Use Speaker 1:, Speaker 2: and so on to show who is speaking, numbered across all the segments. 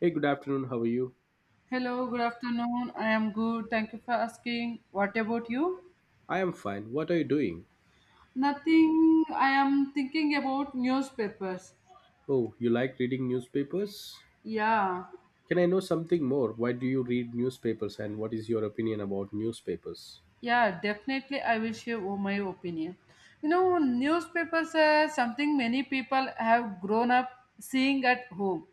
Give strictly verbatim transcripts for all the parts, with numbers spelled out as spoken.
Speaker 1: Hey, good afternoon. How are you?
Speaker 2: Hello, good afternoon. I am good. Thank you for asking. What about you?
Speaker 1: I am fine. What are you doing?
Speaker 2: Nothing. I am thinking about newspapers.
Speaker 1: Oh, you like reading newspapers?
Speaker 2: Yeah.
Speaker 1: Can I know something more? Why do you read newspapers and what is your opinion about newspapers?
Speaker 2: Yeah, definitely. I will share o- my opinion. You know, newspapers are something many people have grown up seeing at home.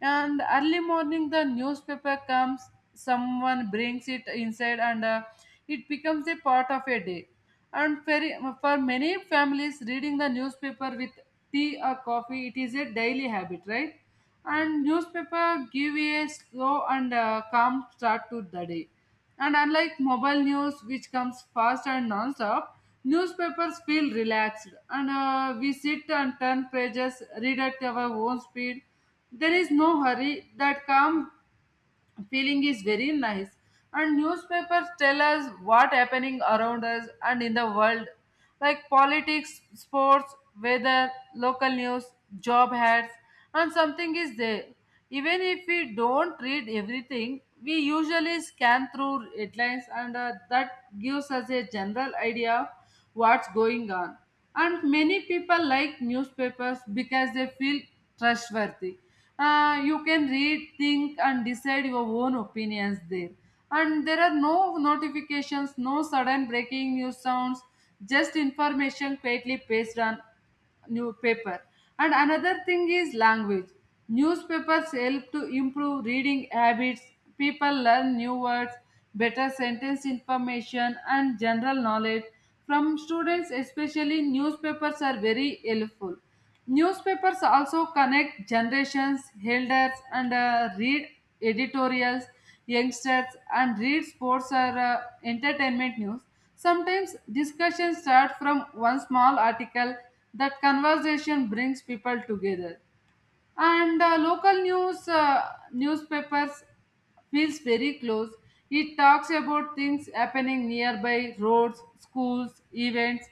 Speaker 2: And early morning, the newspaper comes, someone brings it inside, and uh, it becomes a part of a day. And very, for many families, reading the newspaper with tea or coffee, it is a daily habit, right? And newspaper give a slow and uh, calm start to the day, and unlike mobile news, which comes fast and non-stop, newspapers feel relaxed, and uh, we sit and turn pages, read at our own speed. There is no hurry. That calm feeling is very nice, and newspapers tell us what happening around us and in the world, like politics, sports, weather, local news, job ads, and something is there. Even if we don't read everything, we usually scan through headlines, and uh, that gives us a general idea of what's going on. And many people like newspapers because they feel trustworthy. Uh, you can read, think, and decide your own opinions there, and there are no notifications, no sudden breaking news sounds, just information quietly pasted on newspaper. And another thing is language. Newspapers help to improve reading habits. People learn new words, better sentence information, and general knowledge. From students especially, newspapers are very helpful. Newspapers also connect generations. Elders, and uh, read editorials, youngsters, and read sports or uh, entertainment news. Sometimes discussions start from one small article. That conversation brings people together. And uh, local news, uh, newspapers feels very close. It talks about things happening nearby, roads, schools, events.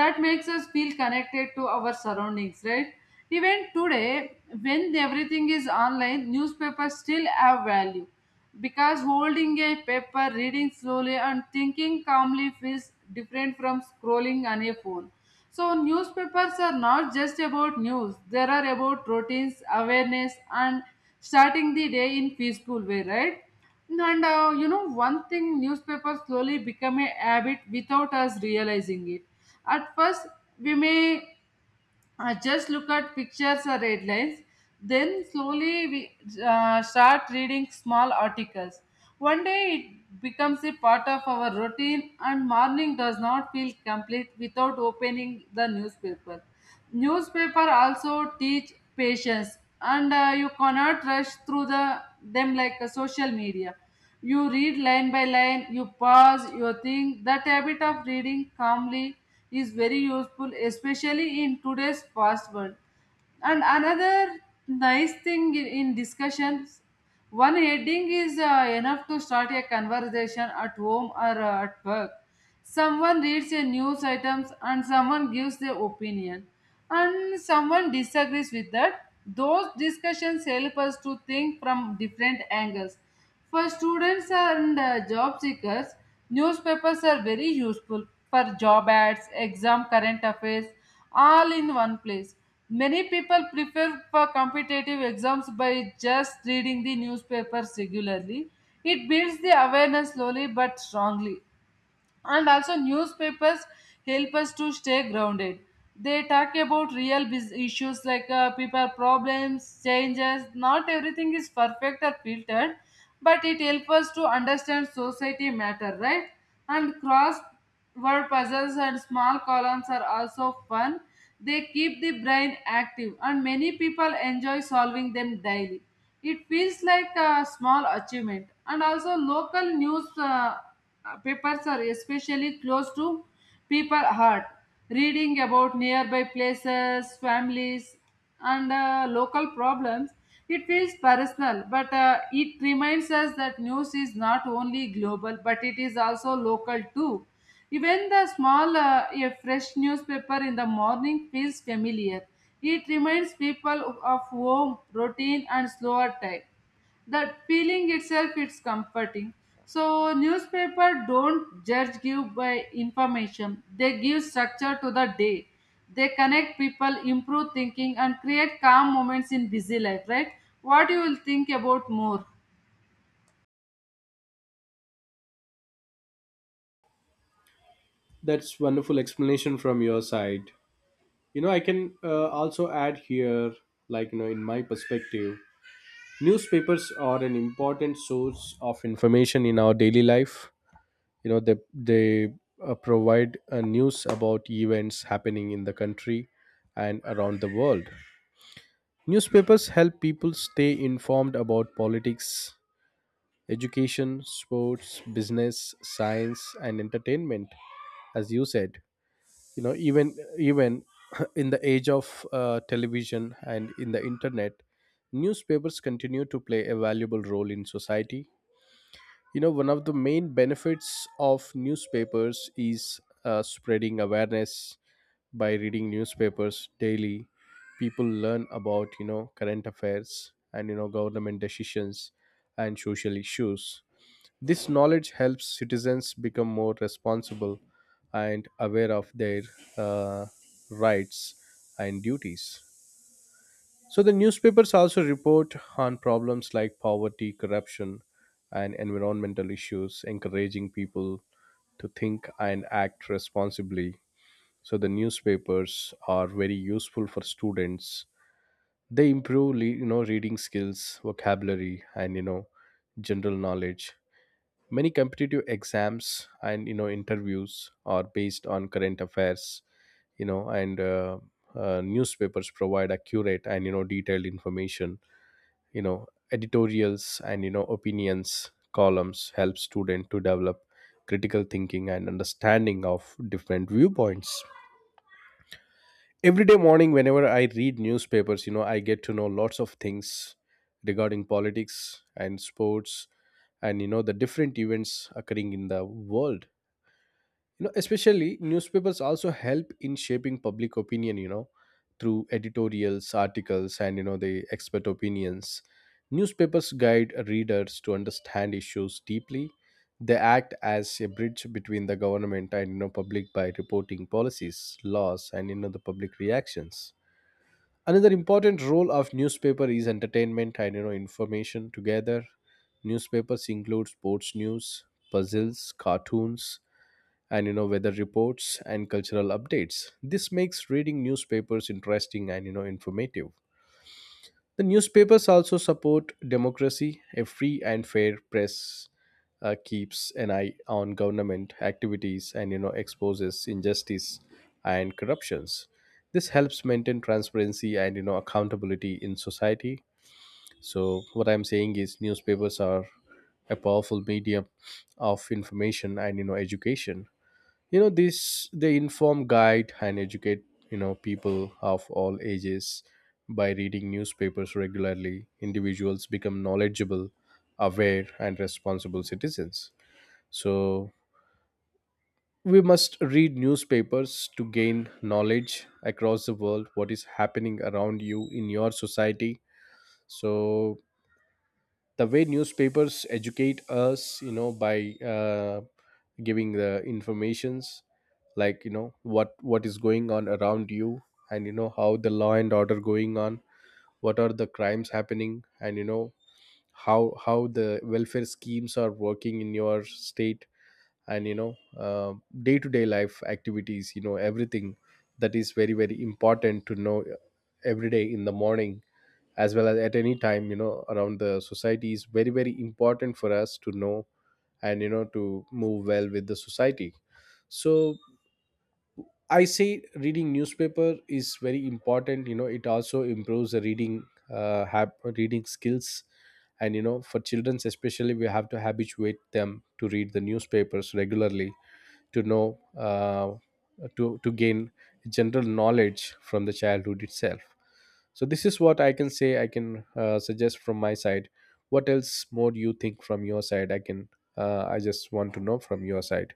Speaker 2: That makes us feel connected to our surroundings, right? Even today, when everything is online, newspapers still have value, because holding a paper, reading slowly, and thinking calmly feels different from scrolling on a phone. So, newspapers are not just about news, they are about routines, awareness, and starting the day in peaceful way, right? And uh, you know, one thing, newspapers slowly become a habit without us realizing it. At first, we may I just look at pictures or headlines, then slowly we uh, start reading small articles. One day it becomes a part of our routine, and morning does not feel complete without opening the newspaper. Newspaper also teach patience, and uh, you cannot rush through the them like a social media. You read line by line, you pause, you think. That habit of reading calmly is very useful, especially in today's fast world. And another nice thing in, in discussions, one heading is uh, enough to start a conversation at home or uh, at work. Someone reads a news items and someone gives their opinion and someone disagrees with that. Those discussions help us to think from different angles. For students and uh, job seekers, newspapers are very useful for job ads, exam current affairs, all in one place. Many people prepare for competitive exams by just reading the newspapers regularly. It builds the awareness slowly but strongly. And also newspapers help us to stay grounded. They talk about real bus- issues like uh, people problems, changes. Not everything is perfect or filtered, but it helps us to understand society matter, right? And cross word puzzles and small columns are also fun. They keep the brain active and many people enjoy solving them daily. It feels like a small achievement. And also local news, uh, uh, papers are especially close to people heart. Reading about nearby places, families, and uh, local problems, it feels personal, but uh, it reminds us that news is not only global, but it is also local too. Even the small, uh, a fresh newspaper in the morning feels familiar. It reminds people of home, routine, and slower time. That feeling itself, it's comforting. So newspaper don't judge give by information, they give structure to the day. They connect people, improve thinking, and create calm moments in busy life, right? What you will think about more?
Speaker 1: That's wonderful explanation from your side. You know, I can uh, also add here, like you know in my perspective, newspapers are an important source of information in our daily life. You know, they they uh, provide uh, news about events happening in the country and around the world. Newspapers help people stay informed about politics, education, sports, business, science, and entertainment. As you said, you know, even even in the age of uh, television and in the internet, newspapers continue to play a valuable role in society. you know, one of the main benefits of newspapers is uh, spreading awareness by reading newspapers daily. People learn about, you know, current affairs and, you know, government decisions and social issues. This knowledge helps citizens become more responsible and aware of their uh, rights and duties. So the newspapers also report on problems like poverty, corruption, and environmental issues, encouraging people to think and act responsibly. So the newspapers are very useful for students. They improve, le- you know, reading skills, vocabulary, and you know, general knowledge. Many competitive exams and you know interviews are based on current affairs. You know, and uh, uh, newspapers provide accurate and you know detailed information. you know Editorials and you know opinions columns help student to develop critical thinking and understanding of different viewpoints. Every day morning, whenever I read newspapers, you know I get to know lots of things regarding politics and sports and you know the different events occurring in the world. You know especially, newspapers also help in shaping public opinion, you know through editorials, articles, and you know the expert opinions. Newspapers guide readers to understand issues deeply. They act as a bridge between the government and you know public by reporting policies, laws, and you know the public reactions. Another important role of newspaper is entertainment and you know information together. Newspapers include sports news, puzzles, cartoons, and you know weather reports and cultural updates. This makes reading newspapers interesting and you know informative. The newspapers also support democracy. A free and fair press uh, keeps an eye on government activities and you know exposes injustice and corruptions. This helps maintain transparency and you know accountability in society. So what I'm saying is newspapers are a powerful medium of information and you know education. You know this, they inform, guide, and educate, you know people of all ages. By reading newspapers regularly, individuals become knowledgeable, aware, and responsible citizens. So we must read newspapers to gain knowledge across the world, what is happening around you in your society. So the way newspapers educate us, you know by uh, giving the informations, like you know what what is going on around you and you know how the law and order going on, what are the crimes happening, and you know how how the welfare schemes are working in your state, and you know uh, day-to-day life activities, you know everything that is very very important to know every day in the morning as well as at any time, you know around the society is very very important for us to know and you know to move well with the society. So I say reading newspaper is very important. you know it also improves the reading uh, hab- reading skills, and you know for children especially, we have to habituate them to read the newspapers regularly to know uh, to to gain general knowledge from the childhood itself. So this is what I can say, I can uh, suggest from my side. What else more do you think from your side? I can uh, I just want to know from your side.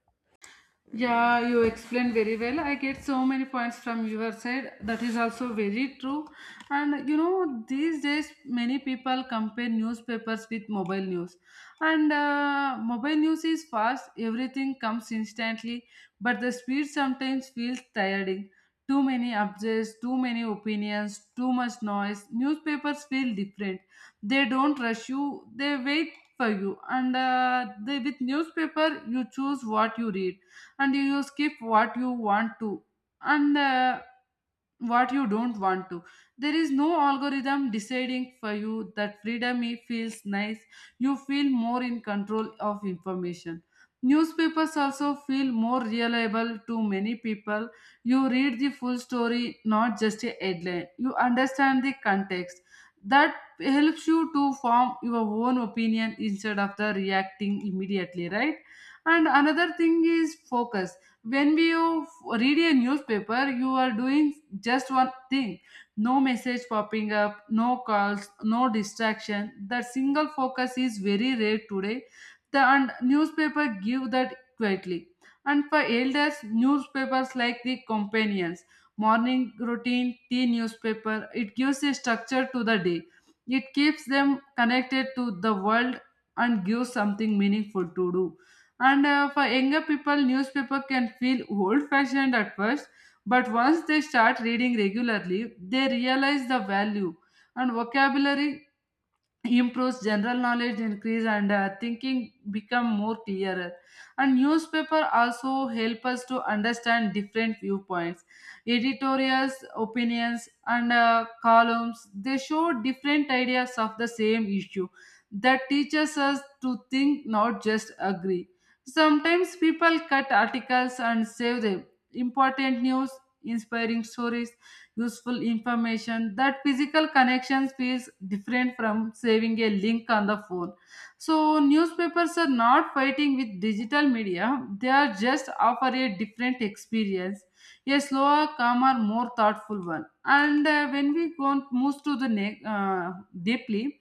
Speaker 2: Yeah, you explained very well. I get so many points from your side. That is also very true. And you know, these days many people compare newspapers with mobile news. And uh, mobile news is fast, everything comes instantly, but the speed sometimes feels tiring. Too many updates, too many opinions, too much noise. Newspapers feel different. They don't rush you, they wait for you. And uh, they, with newspaper, you choose what you read and you skip what you want to and uh, what you don't want to. There is no algorithm deciding for you. That freedom, it feels nice. You feel more in control of information. Newspapers also feel more reliable to many people. You read the full story, not just a headline. You understand the context. That helps you to form your own opinion instead of the reacting immediately, right? And another thing is focus. When you f- read a newspaper, you are doing just one thing. No message popping up, no calls, no distraction. That single focus is very rare today. The and newspaper give that quietly. And for elders, newspapers like the companions, morning routine, tea, newspaper, it gives a structure to the day. It keeps them connected to the world and gives something meaningful to do. And uh, for younger people, newspaper can feel old-fashioned at first, but once they start reading regularly, they realize the value. And vocabulary improves, general knowledge increase, and uh, thinking become more clearer. And newspaper also help us to understand different viewpoints. Editorials, opinions, and uh, columns, they show different ideas of the same issue. That teaches us to think, not just agree. Sometimes people cut articles and save them. Important news, inspiring stories, useful information. That physical connections feels different from saving a link on the phone. So newspapers are not fighting with digital media, they are just offer a different experience, a slower, calmer, more thoughtful one. And uh, when we go on- moves to the ne- uh, deeply,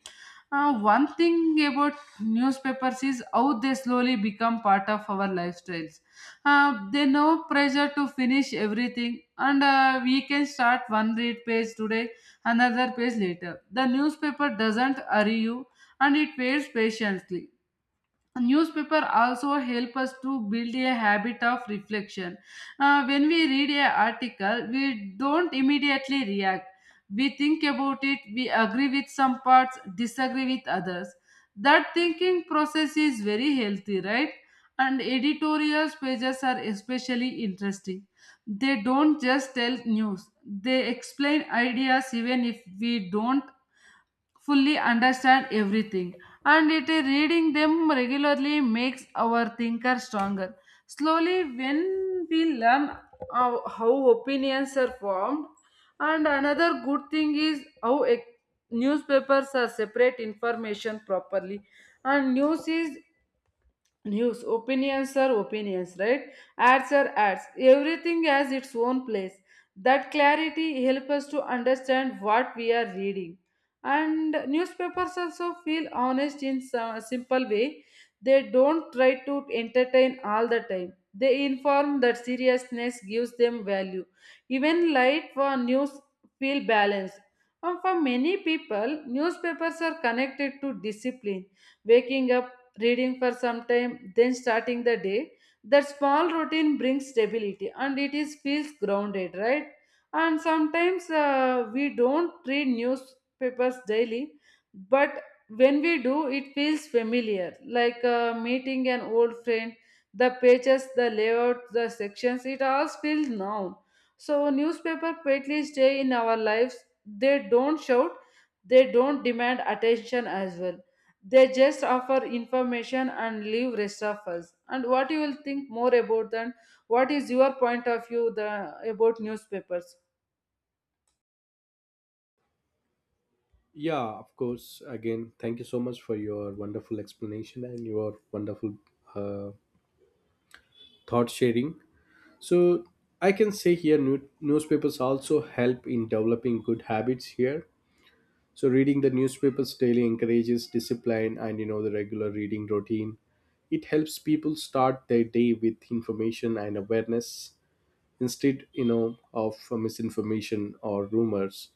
Speaker 2: uh, one thing about newspapers is how they slowly become part of our lifestyles. Uh, they no pressure to finish everything, and uh, we can start one read page today, another page later. The newspaper doesn't hurry you, and it waits patiently. A newspaper also help us to build a habit of reflection. Uh, when we read an article, we don't immediately react. We think about it, we agree with some parts, disagree with others. That thinking process is very healthy, right? And editorial pages are especially interesting. They don't just tell news, they explain ideas. Even if we don't fully understand everything, and it is reading them regularly makes our thinker stronger slowly, when we learn how, how opinions are formed. And another good thing is how e- newspapers are separate information properly. And news is news, opinions are opinions, right? Ads are ads. Everything has its own place. That clarity helps us to understand what we are reading. And newspapers also feel honest in some simple way. They don't try to entertain all the time, they inform. That seriousness gives them value. Even light for news feel balanced. And for many people, newspapers are connected to discipline. Waking up, reading for some time, then starting the day. That small routine brings stability and it is feels grounded, right? And sometimes uh, we don't read newspapers daily, but when we do, it feels familiar, like uh, meeting an old friend. The pages, the layout, the sections, it all feels known. So newspaper quietly stay in our lives. They don't shout, they don't demand attention as well, they just offer information and leave rest of us. And what you will think more about than what is your point of view the about newspapers?
Speaker 1: Yeah, of course. Again, thank you so much for your wonderful explanation and your wonderful uh, thought sharing. So, I can say here, new- newspapers also help in developing good habits here. So reading the newspapers daily encourages discipline and you know the regular reading routine. It helps people start their day with information and awareness instead you know of uh, misinformation or rumors.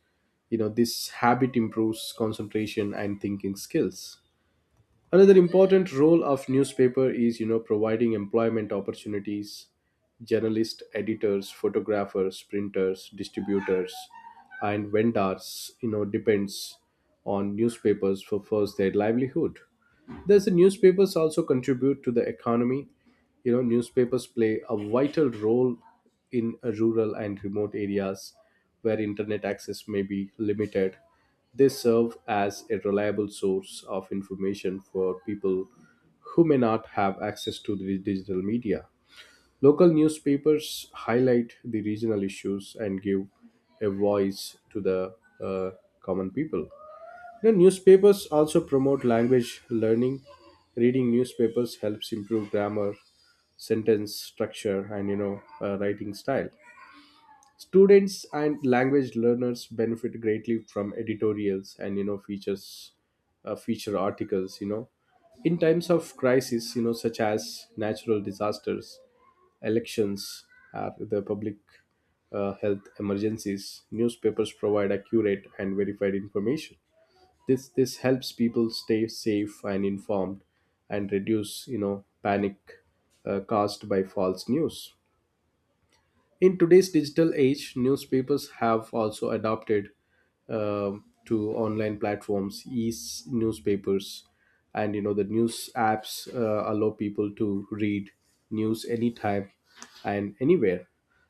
Speaker 1: You know this habit improves concentration and thinking skills. Another important role of newspaper is, you know, providing employment opportunities. Journalists, editors, photographers, printers, distributors, and vendors, you know, depends on newspapers for first their livelihood. There's the newspapers also contribute to the economy. You know, newspapers play a vital role in uh, rural and remote areas where internet access may be limited. They serve as a reliable source of information for people who may not have access to the digital media. Local newspapers highlight the regional issues and give a voice to the uh, common people. The newspapers also promote language learning. Reading newspapers helps improve grammar, sentence structure, and you know uh, writing style. Students and language learners benefit greatly from editorials and you know features, uh, feature articles. You know, in times of crisis, you know such as natural disasters, elections, or the public uh, health emergencies, newspapers provide accurate and verified information. This this helps people stay safe and informed and reduce you know panic uh, caused by false news. In today's digital age, newspapers have also adopted um to online platforms, e newspapers and you know the news apps uh, allow people to read news anytime and anywhere.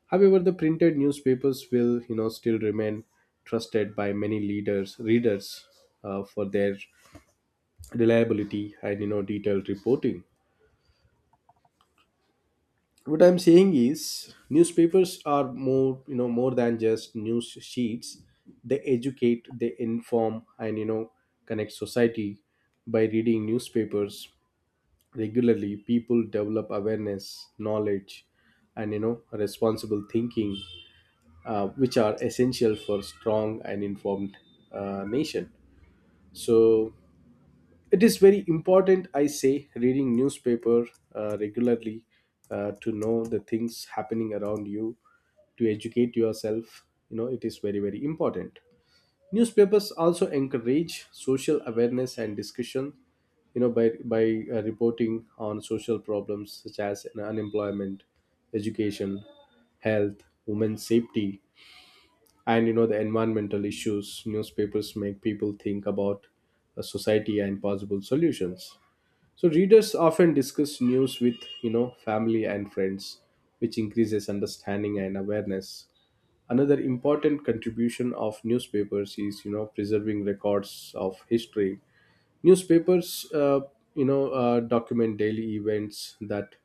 Speaker 1: However, the printed newspapers will you know still remain trusted by many leaders readers uh, for their reliability and you know detailed reporting. What I'm saying is newspapers are more, you know more than just news sheets. They educate, they inform, and you know connect society. By reading newspapers regularly, people develop awareness, knowledge, and you know responsible thinking, uh, which are essential for strong and informed uh, nation. So it is very important, I say, reading newspaper uh, regularly uh, to know the things happening around you, to educate yourself, you know it is very very important. Newspapers also encourage social awareness and discussion, you know by by uh, reporting on social problems such as unemployment, education, health, women's safety, and you know the environmental issues. Newspapers make people think about uh, society and possible solutions. So readers often discuss news with, you know, family and friends, which increases understanding and awareness. Another important contribution of newspapers is, you know, preserving records of history. Newspapers, uh, you know, uh, document daily events that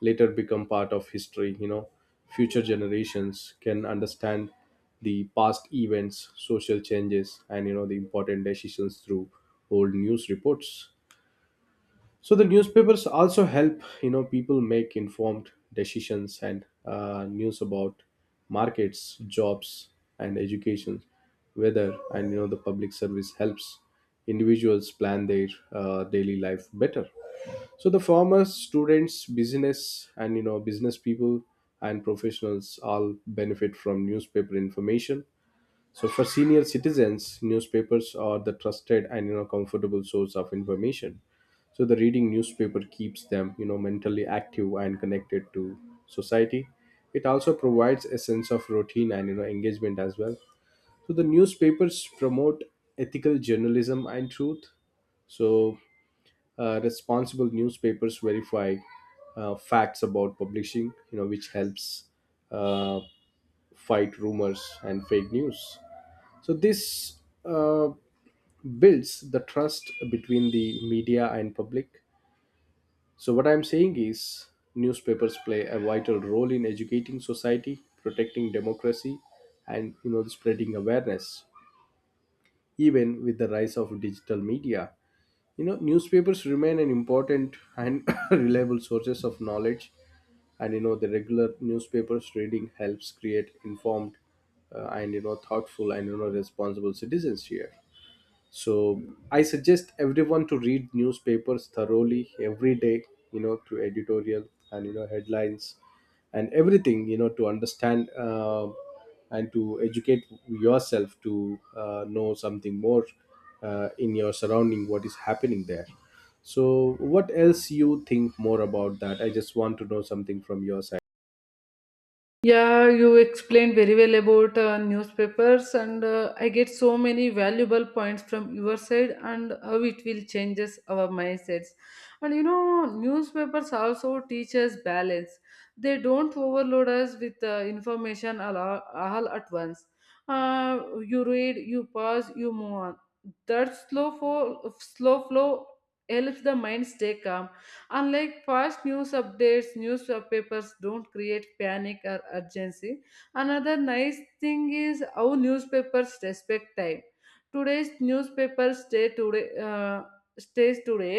Speaker 1: later become part of history. You know, future generations can understand the past events, social changes, and you know the important decisions through old news reports. So the newspapers also help you know people make informed decisions, and uh, news about markets, jobs, and education, weather, and you know the public service helps individuals plan their uh, daily life better. So the farmers, students, business, and you know business people and professionals all benefit from newspaper information. So for senior citizens, newspapers are the trusted and you know comfortable source of information. So the reading newspaper keeps them, you know mentally active and connected to society. It also provides a sense of routine and you know engagement as well. So the newspapers promote ethical journalism and truth. So uh, responsible newspapers verify uh, facts about publishing, you know, which helps uh, fight rumors and fake news. So this uh, builds the trust between the media and public. So what I'm saying is newspapers play a vital role in educating society, protecting democracy, and you know spreading awareness even with the rise of digital media. You know newspapers remain an important and reliable sources of knowledge, and you know the regular newspapers reading helps create informed, uh, and you know thoughtful, and you know responsible citizens here. So I suggest everyone to read newspapers thoroughly every day, you know through editorial and you know headlines and everything, you know to understand uh, and to educate yourself to uh, know something more uh, in your surrounding what is happening there. So what else you think more about that? I just want to know something from your side.
Speaker 2: Yeah, you explained very well about uh, newspapers, and uh, I get so many valuable points from your side and how it will changes our mindsets. And you know, newspapers also teach us balance. They don't overload us with uh, information all, all at once. Uh, you read, you pause, you move on. That slow flow, slow flow helps the mind stay calm. Unlike fast news updates, newspapers don't create panic or urgency. Another nice thing is how newspapers respect time. Today's newspapers stay today, uh, stays today.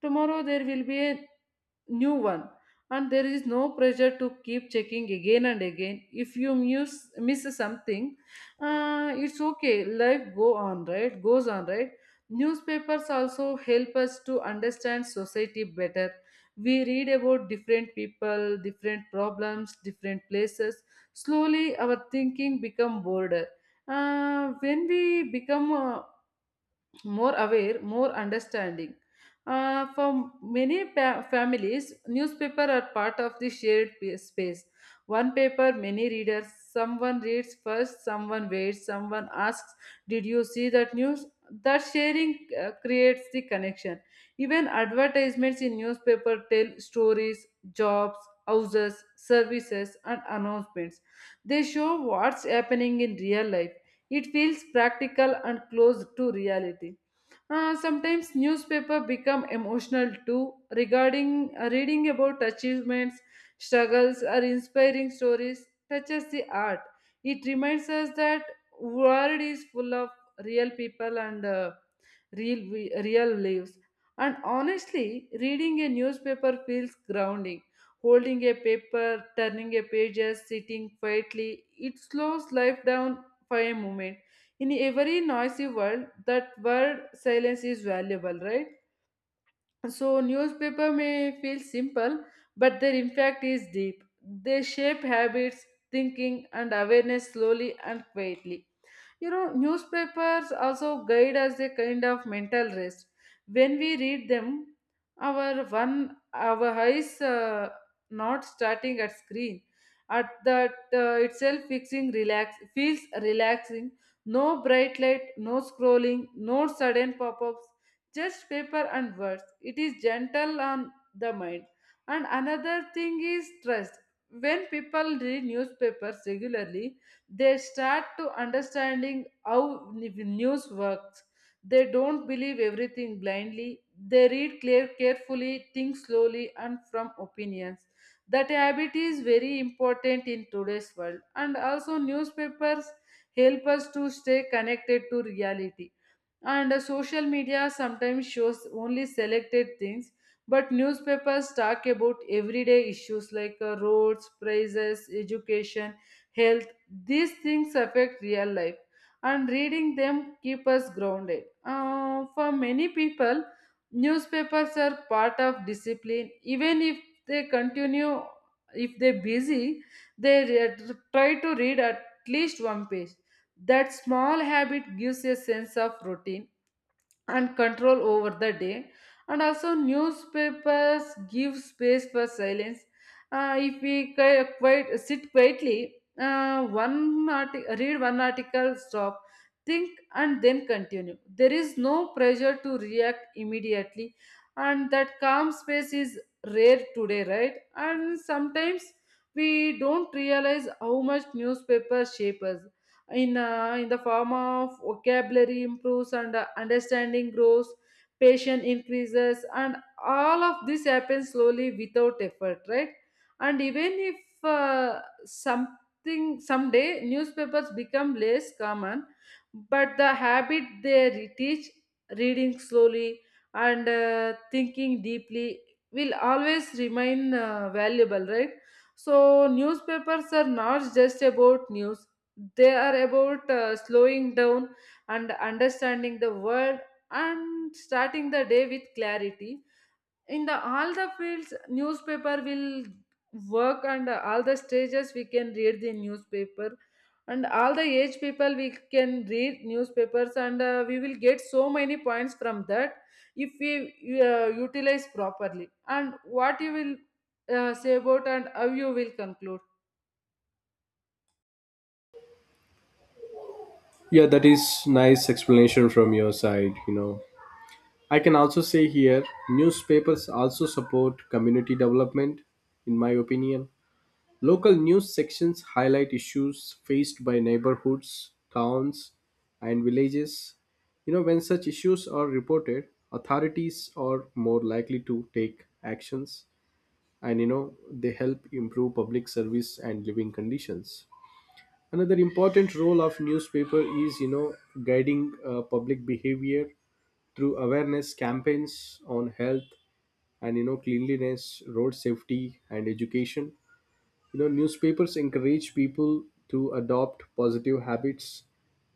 Speaker 2: Tomorrow there will be a new one, and there is no pressure to keep checking again and again. If you miss, miss something, uh, it's okay, life go on right goes on, right? Newspapers also help us to understand society better. We read about different people, different problems, different places. Slowly our thinking become bolder, uh, when we become uh, more aware, more understanding. Uh, for many pa- families, newspaper are part of the shared pa- space. One paper, many readers. Someone reads first, someone waits, someone asks, "Did you see that news?" That sharing, uh, creates the connection. Even advertisements in newspaper tell stories, jobs, houses, services, and announcements. They show what's happening in real life. It feels practical and close to reality. Uh, sometimes newspaper become emotional too, regarding uh, reading about achievements, struggles, or inspiring stories touches the art. It reminds us that world is full of real people and uh, real we- real lives. And honestly, reading a newspaper feels grounding. Holding a paper, turning a pages, sitting quietly, it slows life down for a moment. In every noisy world, that word silence is valuable, right? So newspaper may feel simple, but their impact is deep. They shape habits, thinking, and awareness slowly and quietly. You know, newspapers also guide us a kind of mental rest. When we read them, our one our eyes, uh, not starting at screen. At that uh, itself, fixing relax feels relaxing. No bright light, no scrolling, no sudden pop-ups, just paper and words. It is gentle on the mind. And another thing is trust. When people read newspapers regularly, they start to understanding how n- news works. They don't believe everything blindly. They read clear, carefully, think slowly, and from opinions. That habit is very important in today's world. And also, newspapers help us to stay connected to reality. And uh, social media sometimes shows only selected things, but newspapers talk about everyday issues like uh, roads, prices, education, health. These things affect real life, and reading them keep us grounded. Uh, for many people, newspapers are part of discipline. Even if they continue, if they're busy, they re- try to read at least one page. That small habit gives a sense of routine and control over the day. And also, newspapers give space for silence. Uh, if we qui- quiet, sit quietly, uh, one arti- read one article, stop, think, and then continue. There is no pressure to react immediately, and that calm space is rare today, right? And sometimes we don't realize how much newspapers shape us in uh, in the form of vocabulary improves and uh, understanding grows, patience increases, and all of this happens slowly without effort, right? And even if uh, something someday newspapers become less common, but the habit they re- teach, reading slowly and uh, thinking deeply, will always remain uh, valuable, right? So newspapers are not just about news, they are about uh, slowing down and understanding the world and starting the day with clarity. In the all the fields newspaper will work, and all the stages we can read the newspaper, and all the age people we can read newspapers, and uh, we will get so many points from that if we uh, utilize properly. And what you will uh, say about, and how you will conclude?
Speaker 1: Yeah, that is nice explanation from your side. you know I can also say here, newspapers also support community development, in my opinion. Local news sections highlight issues faced by neighborhoods, towns, and villages. You know, when such issues are reported, authorities are more likely to take actions and, you know, they help improve public service and living conditions. Another important role of newspaper is you know guiding uh, public behavior through awareness campaigns on health and, you know cleanliness, road safety and education. You know newspapers encourage people to adopt positive habits.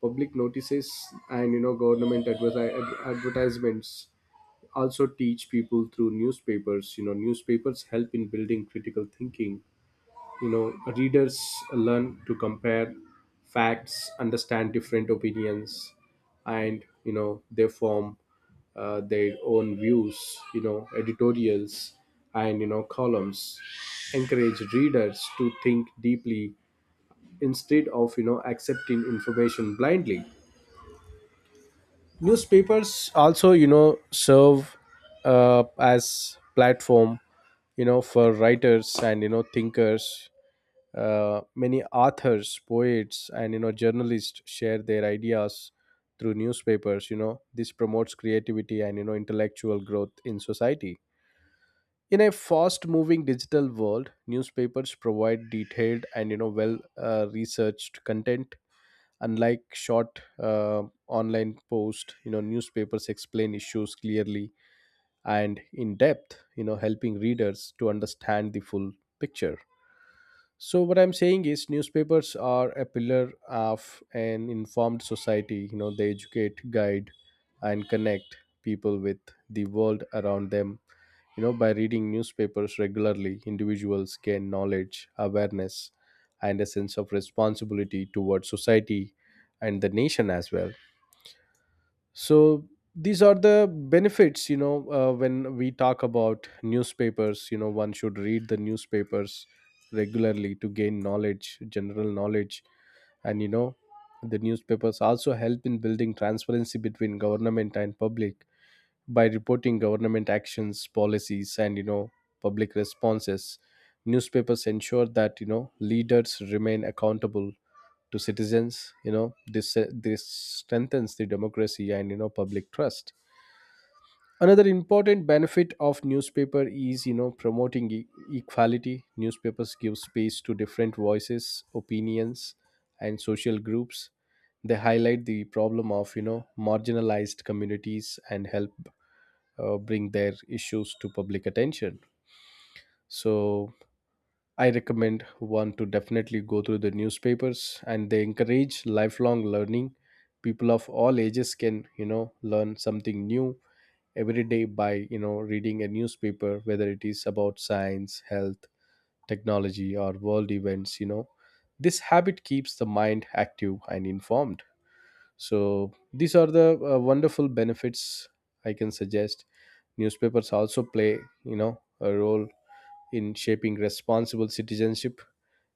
Speaker 1: Public notices and, you know government adverti- ad- advertisements also teach people through newspapers. You know newspapers help in building critical thinking. You know readers learn to compare facts, understand different opinions, and you know they form uh, their own views. You know editorials and, you know columns encourage readers to think deeply instead of you know accepting information blindly. Newspapers also you know serve uh, as platform you know for writers and, you know thinkers. Uh, many authors, poets and, you know journalists share their ideas through newspapers. You know this promotes creativity and, you know intellectual growth in society. In a fast moving digital world, newspapers provide detailed and, you know well uh, researched content, unlike short uh, online post. You know newspapers explain issues clearly and in depth, you know helping readers to understand the full picture. So what I'm saying is newspapers are a pillar of an informed society. You know, they educate, guide and connect people with the world around them. You know, by reading newspapers regularly, individuals gain knowledge, awareness and a sense of responsibility towards society and the nation as well. So these are the benefits. You know uh, when we talk about newspapers, you know one should read the newspapers regularly to gain knowledge, general knowledge. And, you know the newspapers also help in building transparency between government and public. By reporting government actions, policies and, you know public responses, newspapers ensure that, you know leaders remain accountable to citizens. you know this uh, this strengthens the democracy and, you know public trust. Another important benefit of newspaper is, you know promoting e- equality. Newspapers give space to different voices, opinions and social groups. They highlight the problem of, you know marginalized communities and help uh, bring their issues to public attention. So I recommend one to definitely go through the newspapers, and they encourage lifelong learning. People of all ages can, you know, learn something new every day by, you know, reading a newspaper, whether it is about science, health, technology, or world events, you know. This habit keeps the mind active and informed. So, these are the uh, wonderful benefits I can suggest. Newspapers also play, you know, a role in shaping responsible citizenship.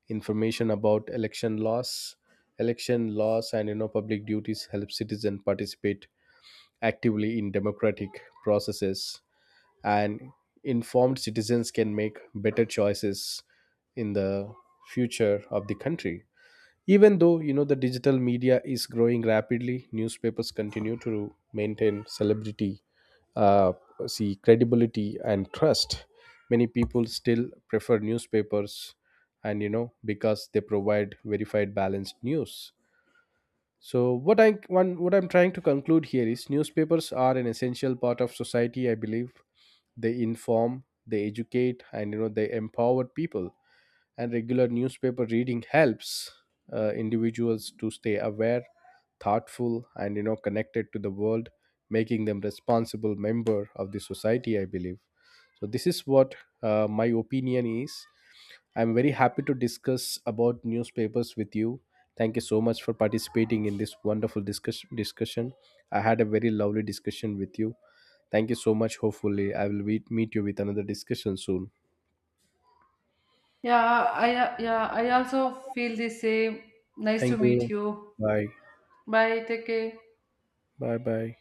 Speaker 1: Information about election laws election laws and, you know public duties help citizens participate actively in democratic processes, and informed citizens can make better choices in the future of the country. Even though, you know the digital media is growing rapidly, newspapers continue to maintain celebrity uh, see credibility and trust. Many people still prefer newspapers, and, you know because they provide verified, balanced news. So what i one what I'm trying to conclude here is newspapers are an essential part of society, I believe. They inform, they educate and, you know they empower people, and regular newspaper reading helps uh, individuals to stay aware, thoughtful and, you know connected to the world, making them responsible member of the society, I believe. So this is what uh, my opinion is. I'm very happy to discuss about newspapers with you. Thank you so much for participating in this wonderful discuss- discussion. I had a very lovely discussion with you. Thank you so much. Hopefully I will meet meet you with another discussion soon.
Speaker 2: Yeah, I yeah, I also feel the same. Nice to
Speaker 1: Thank
Speaker 2: meet
Speaker 1: you.
Speaker 2: you.
Speaker 1: Bye
Speaker 2: Bye, take care.
Speaker 1: bye bye.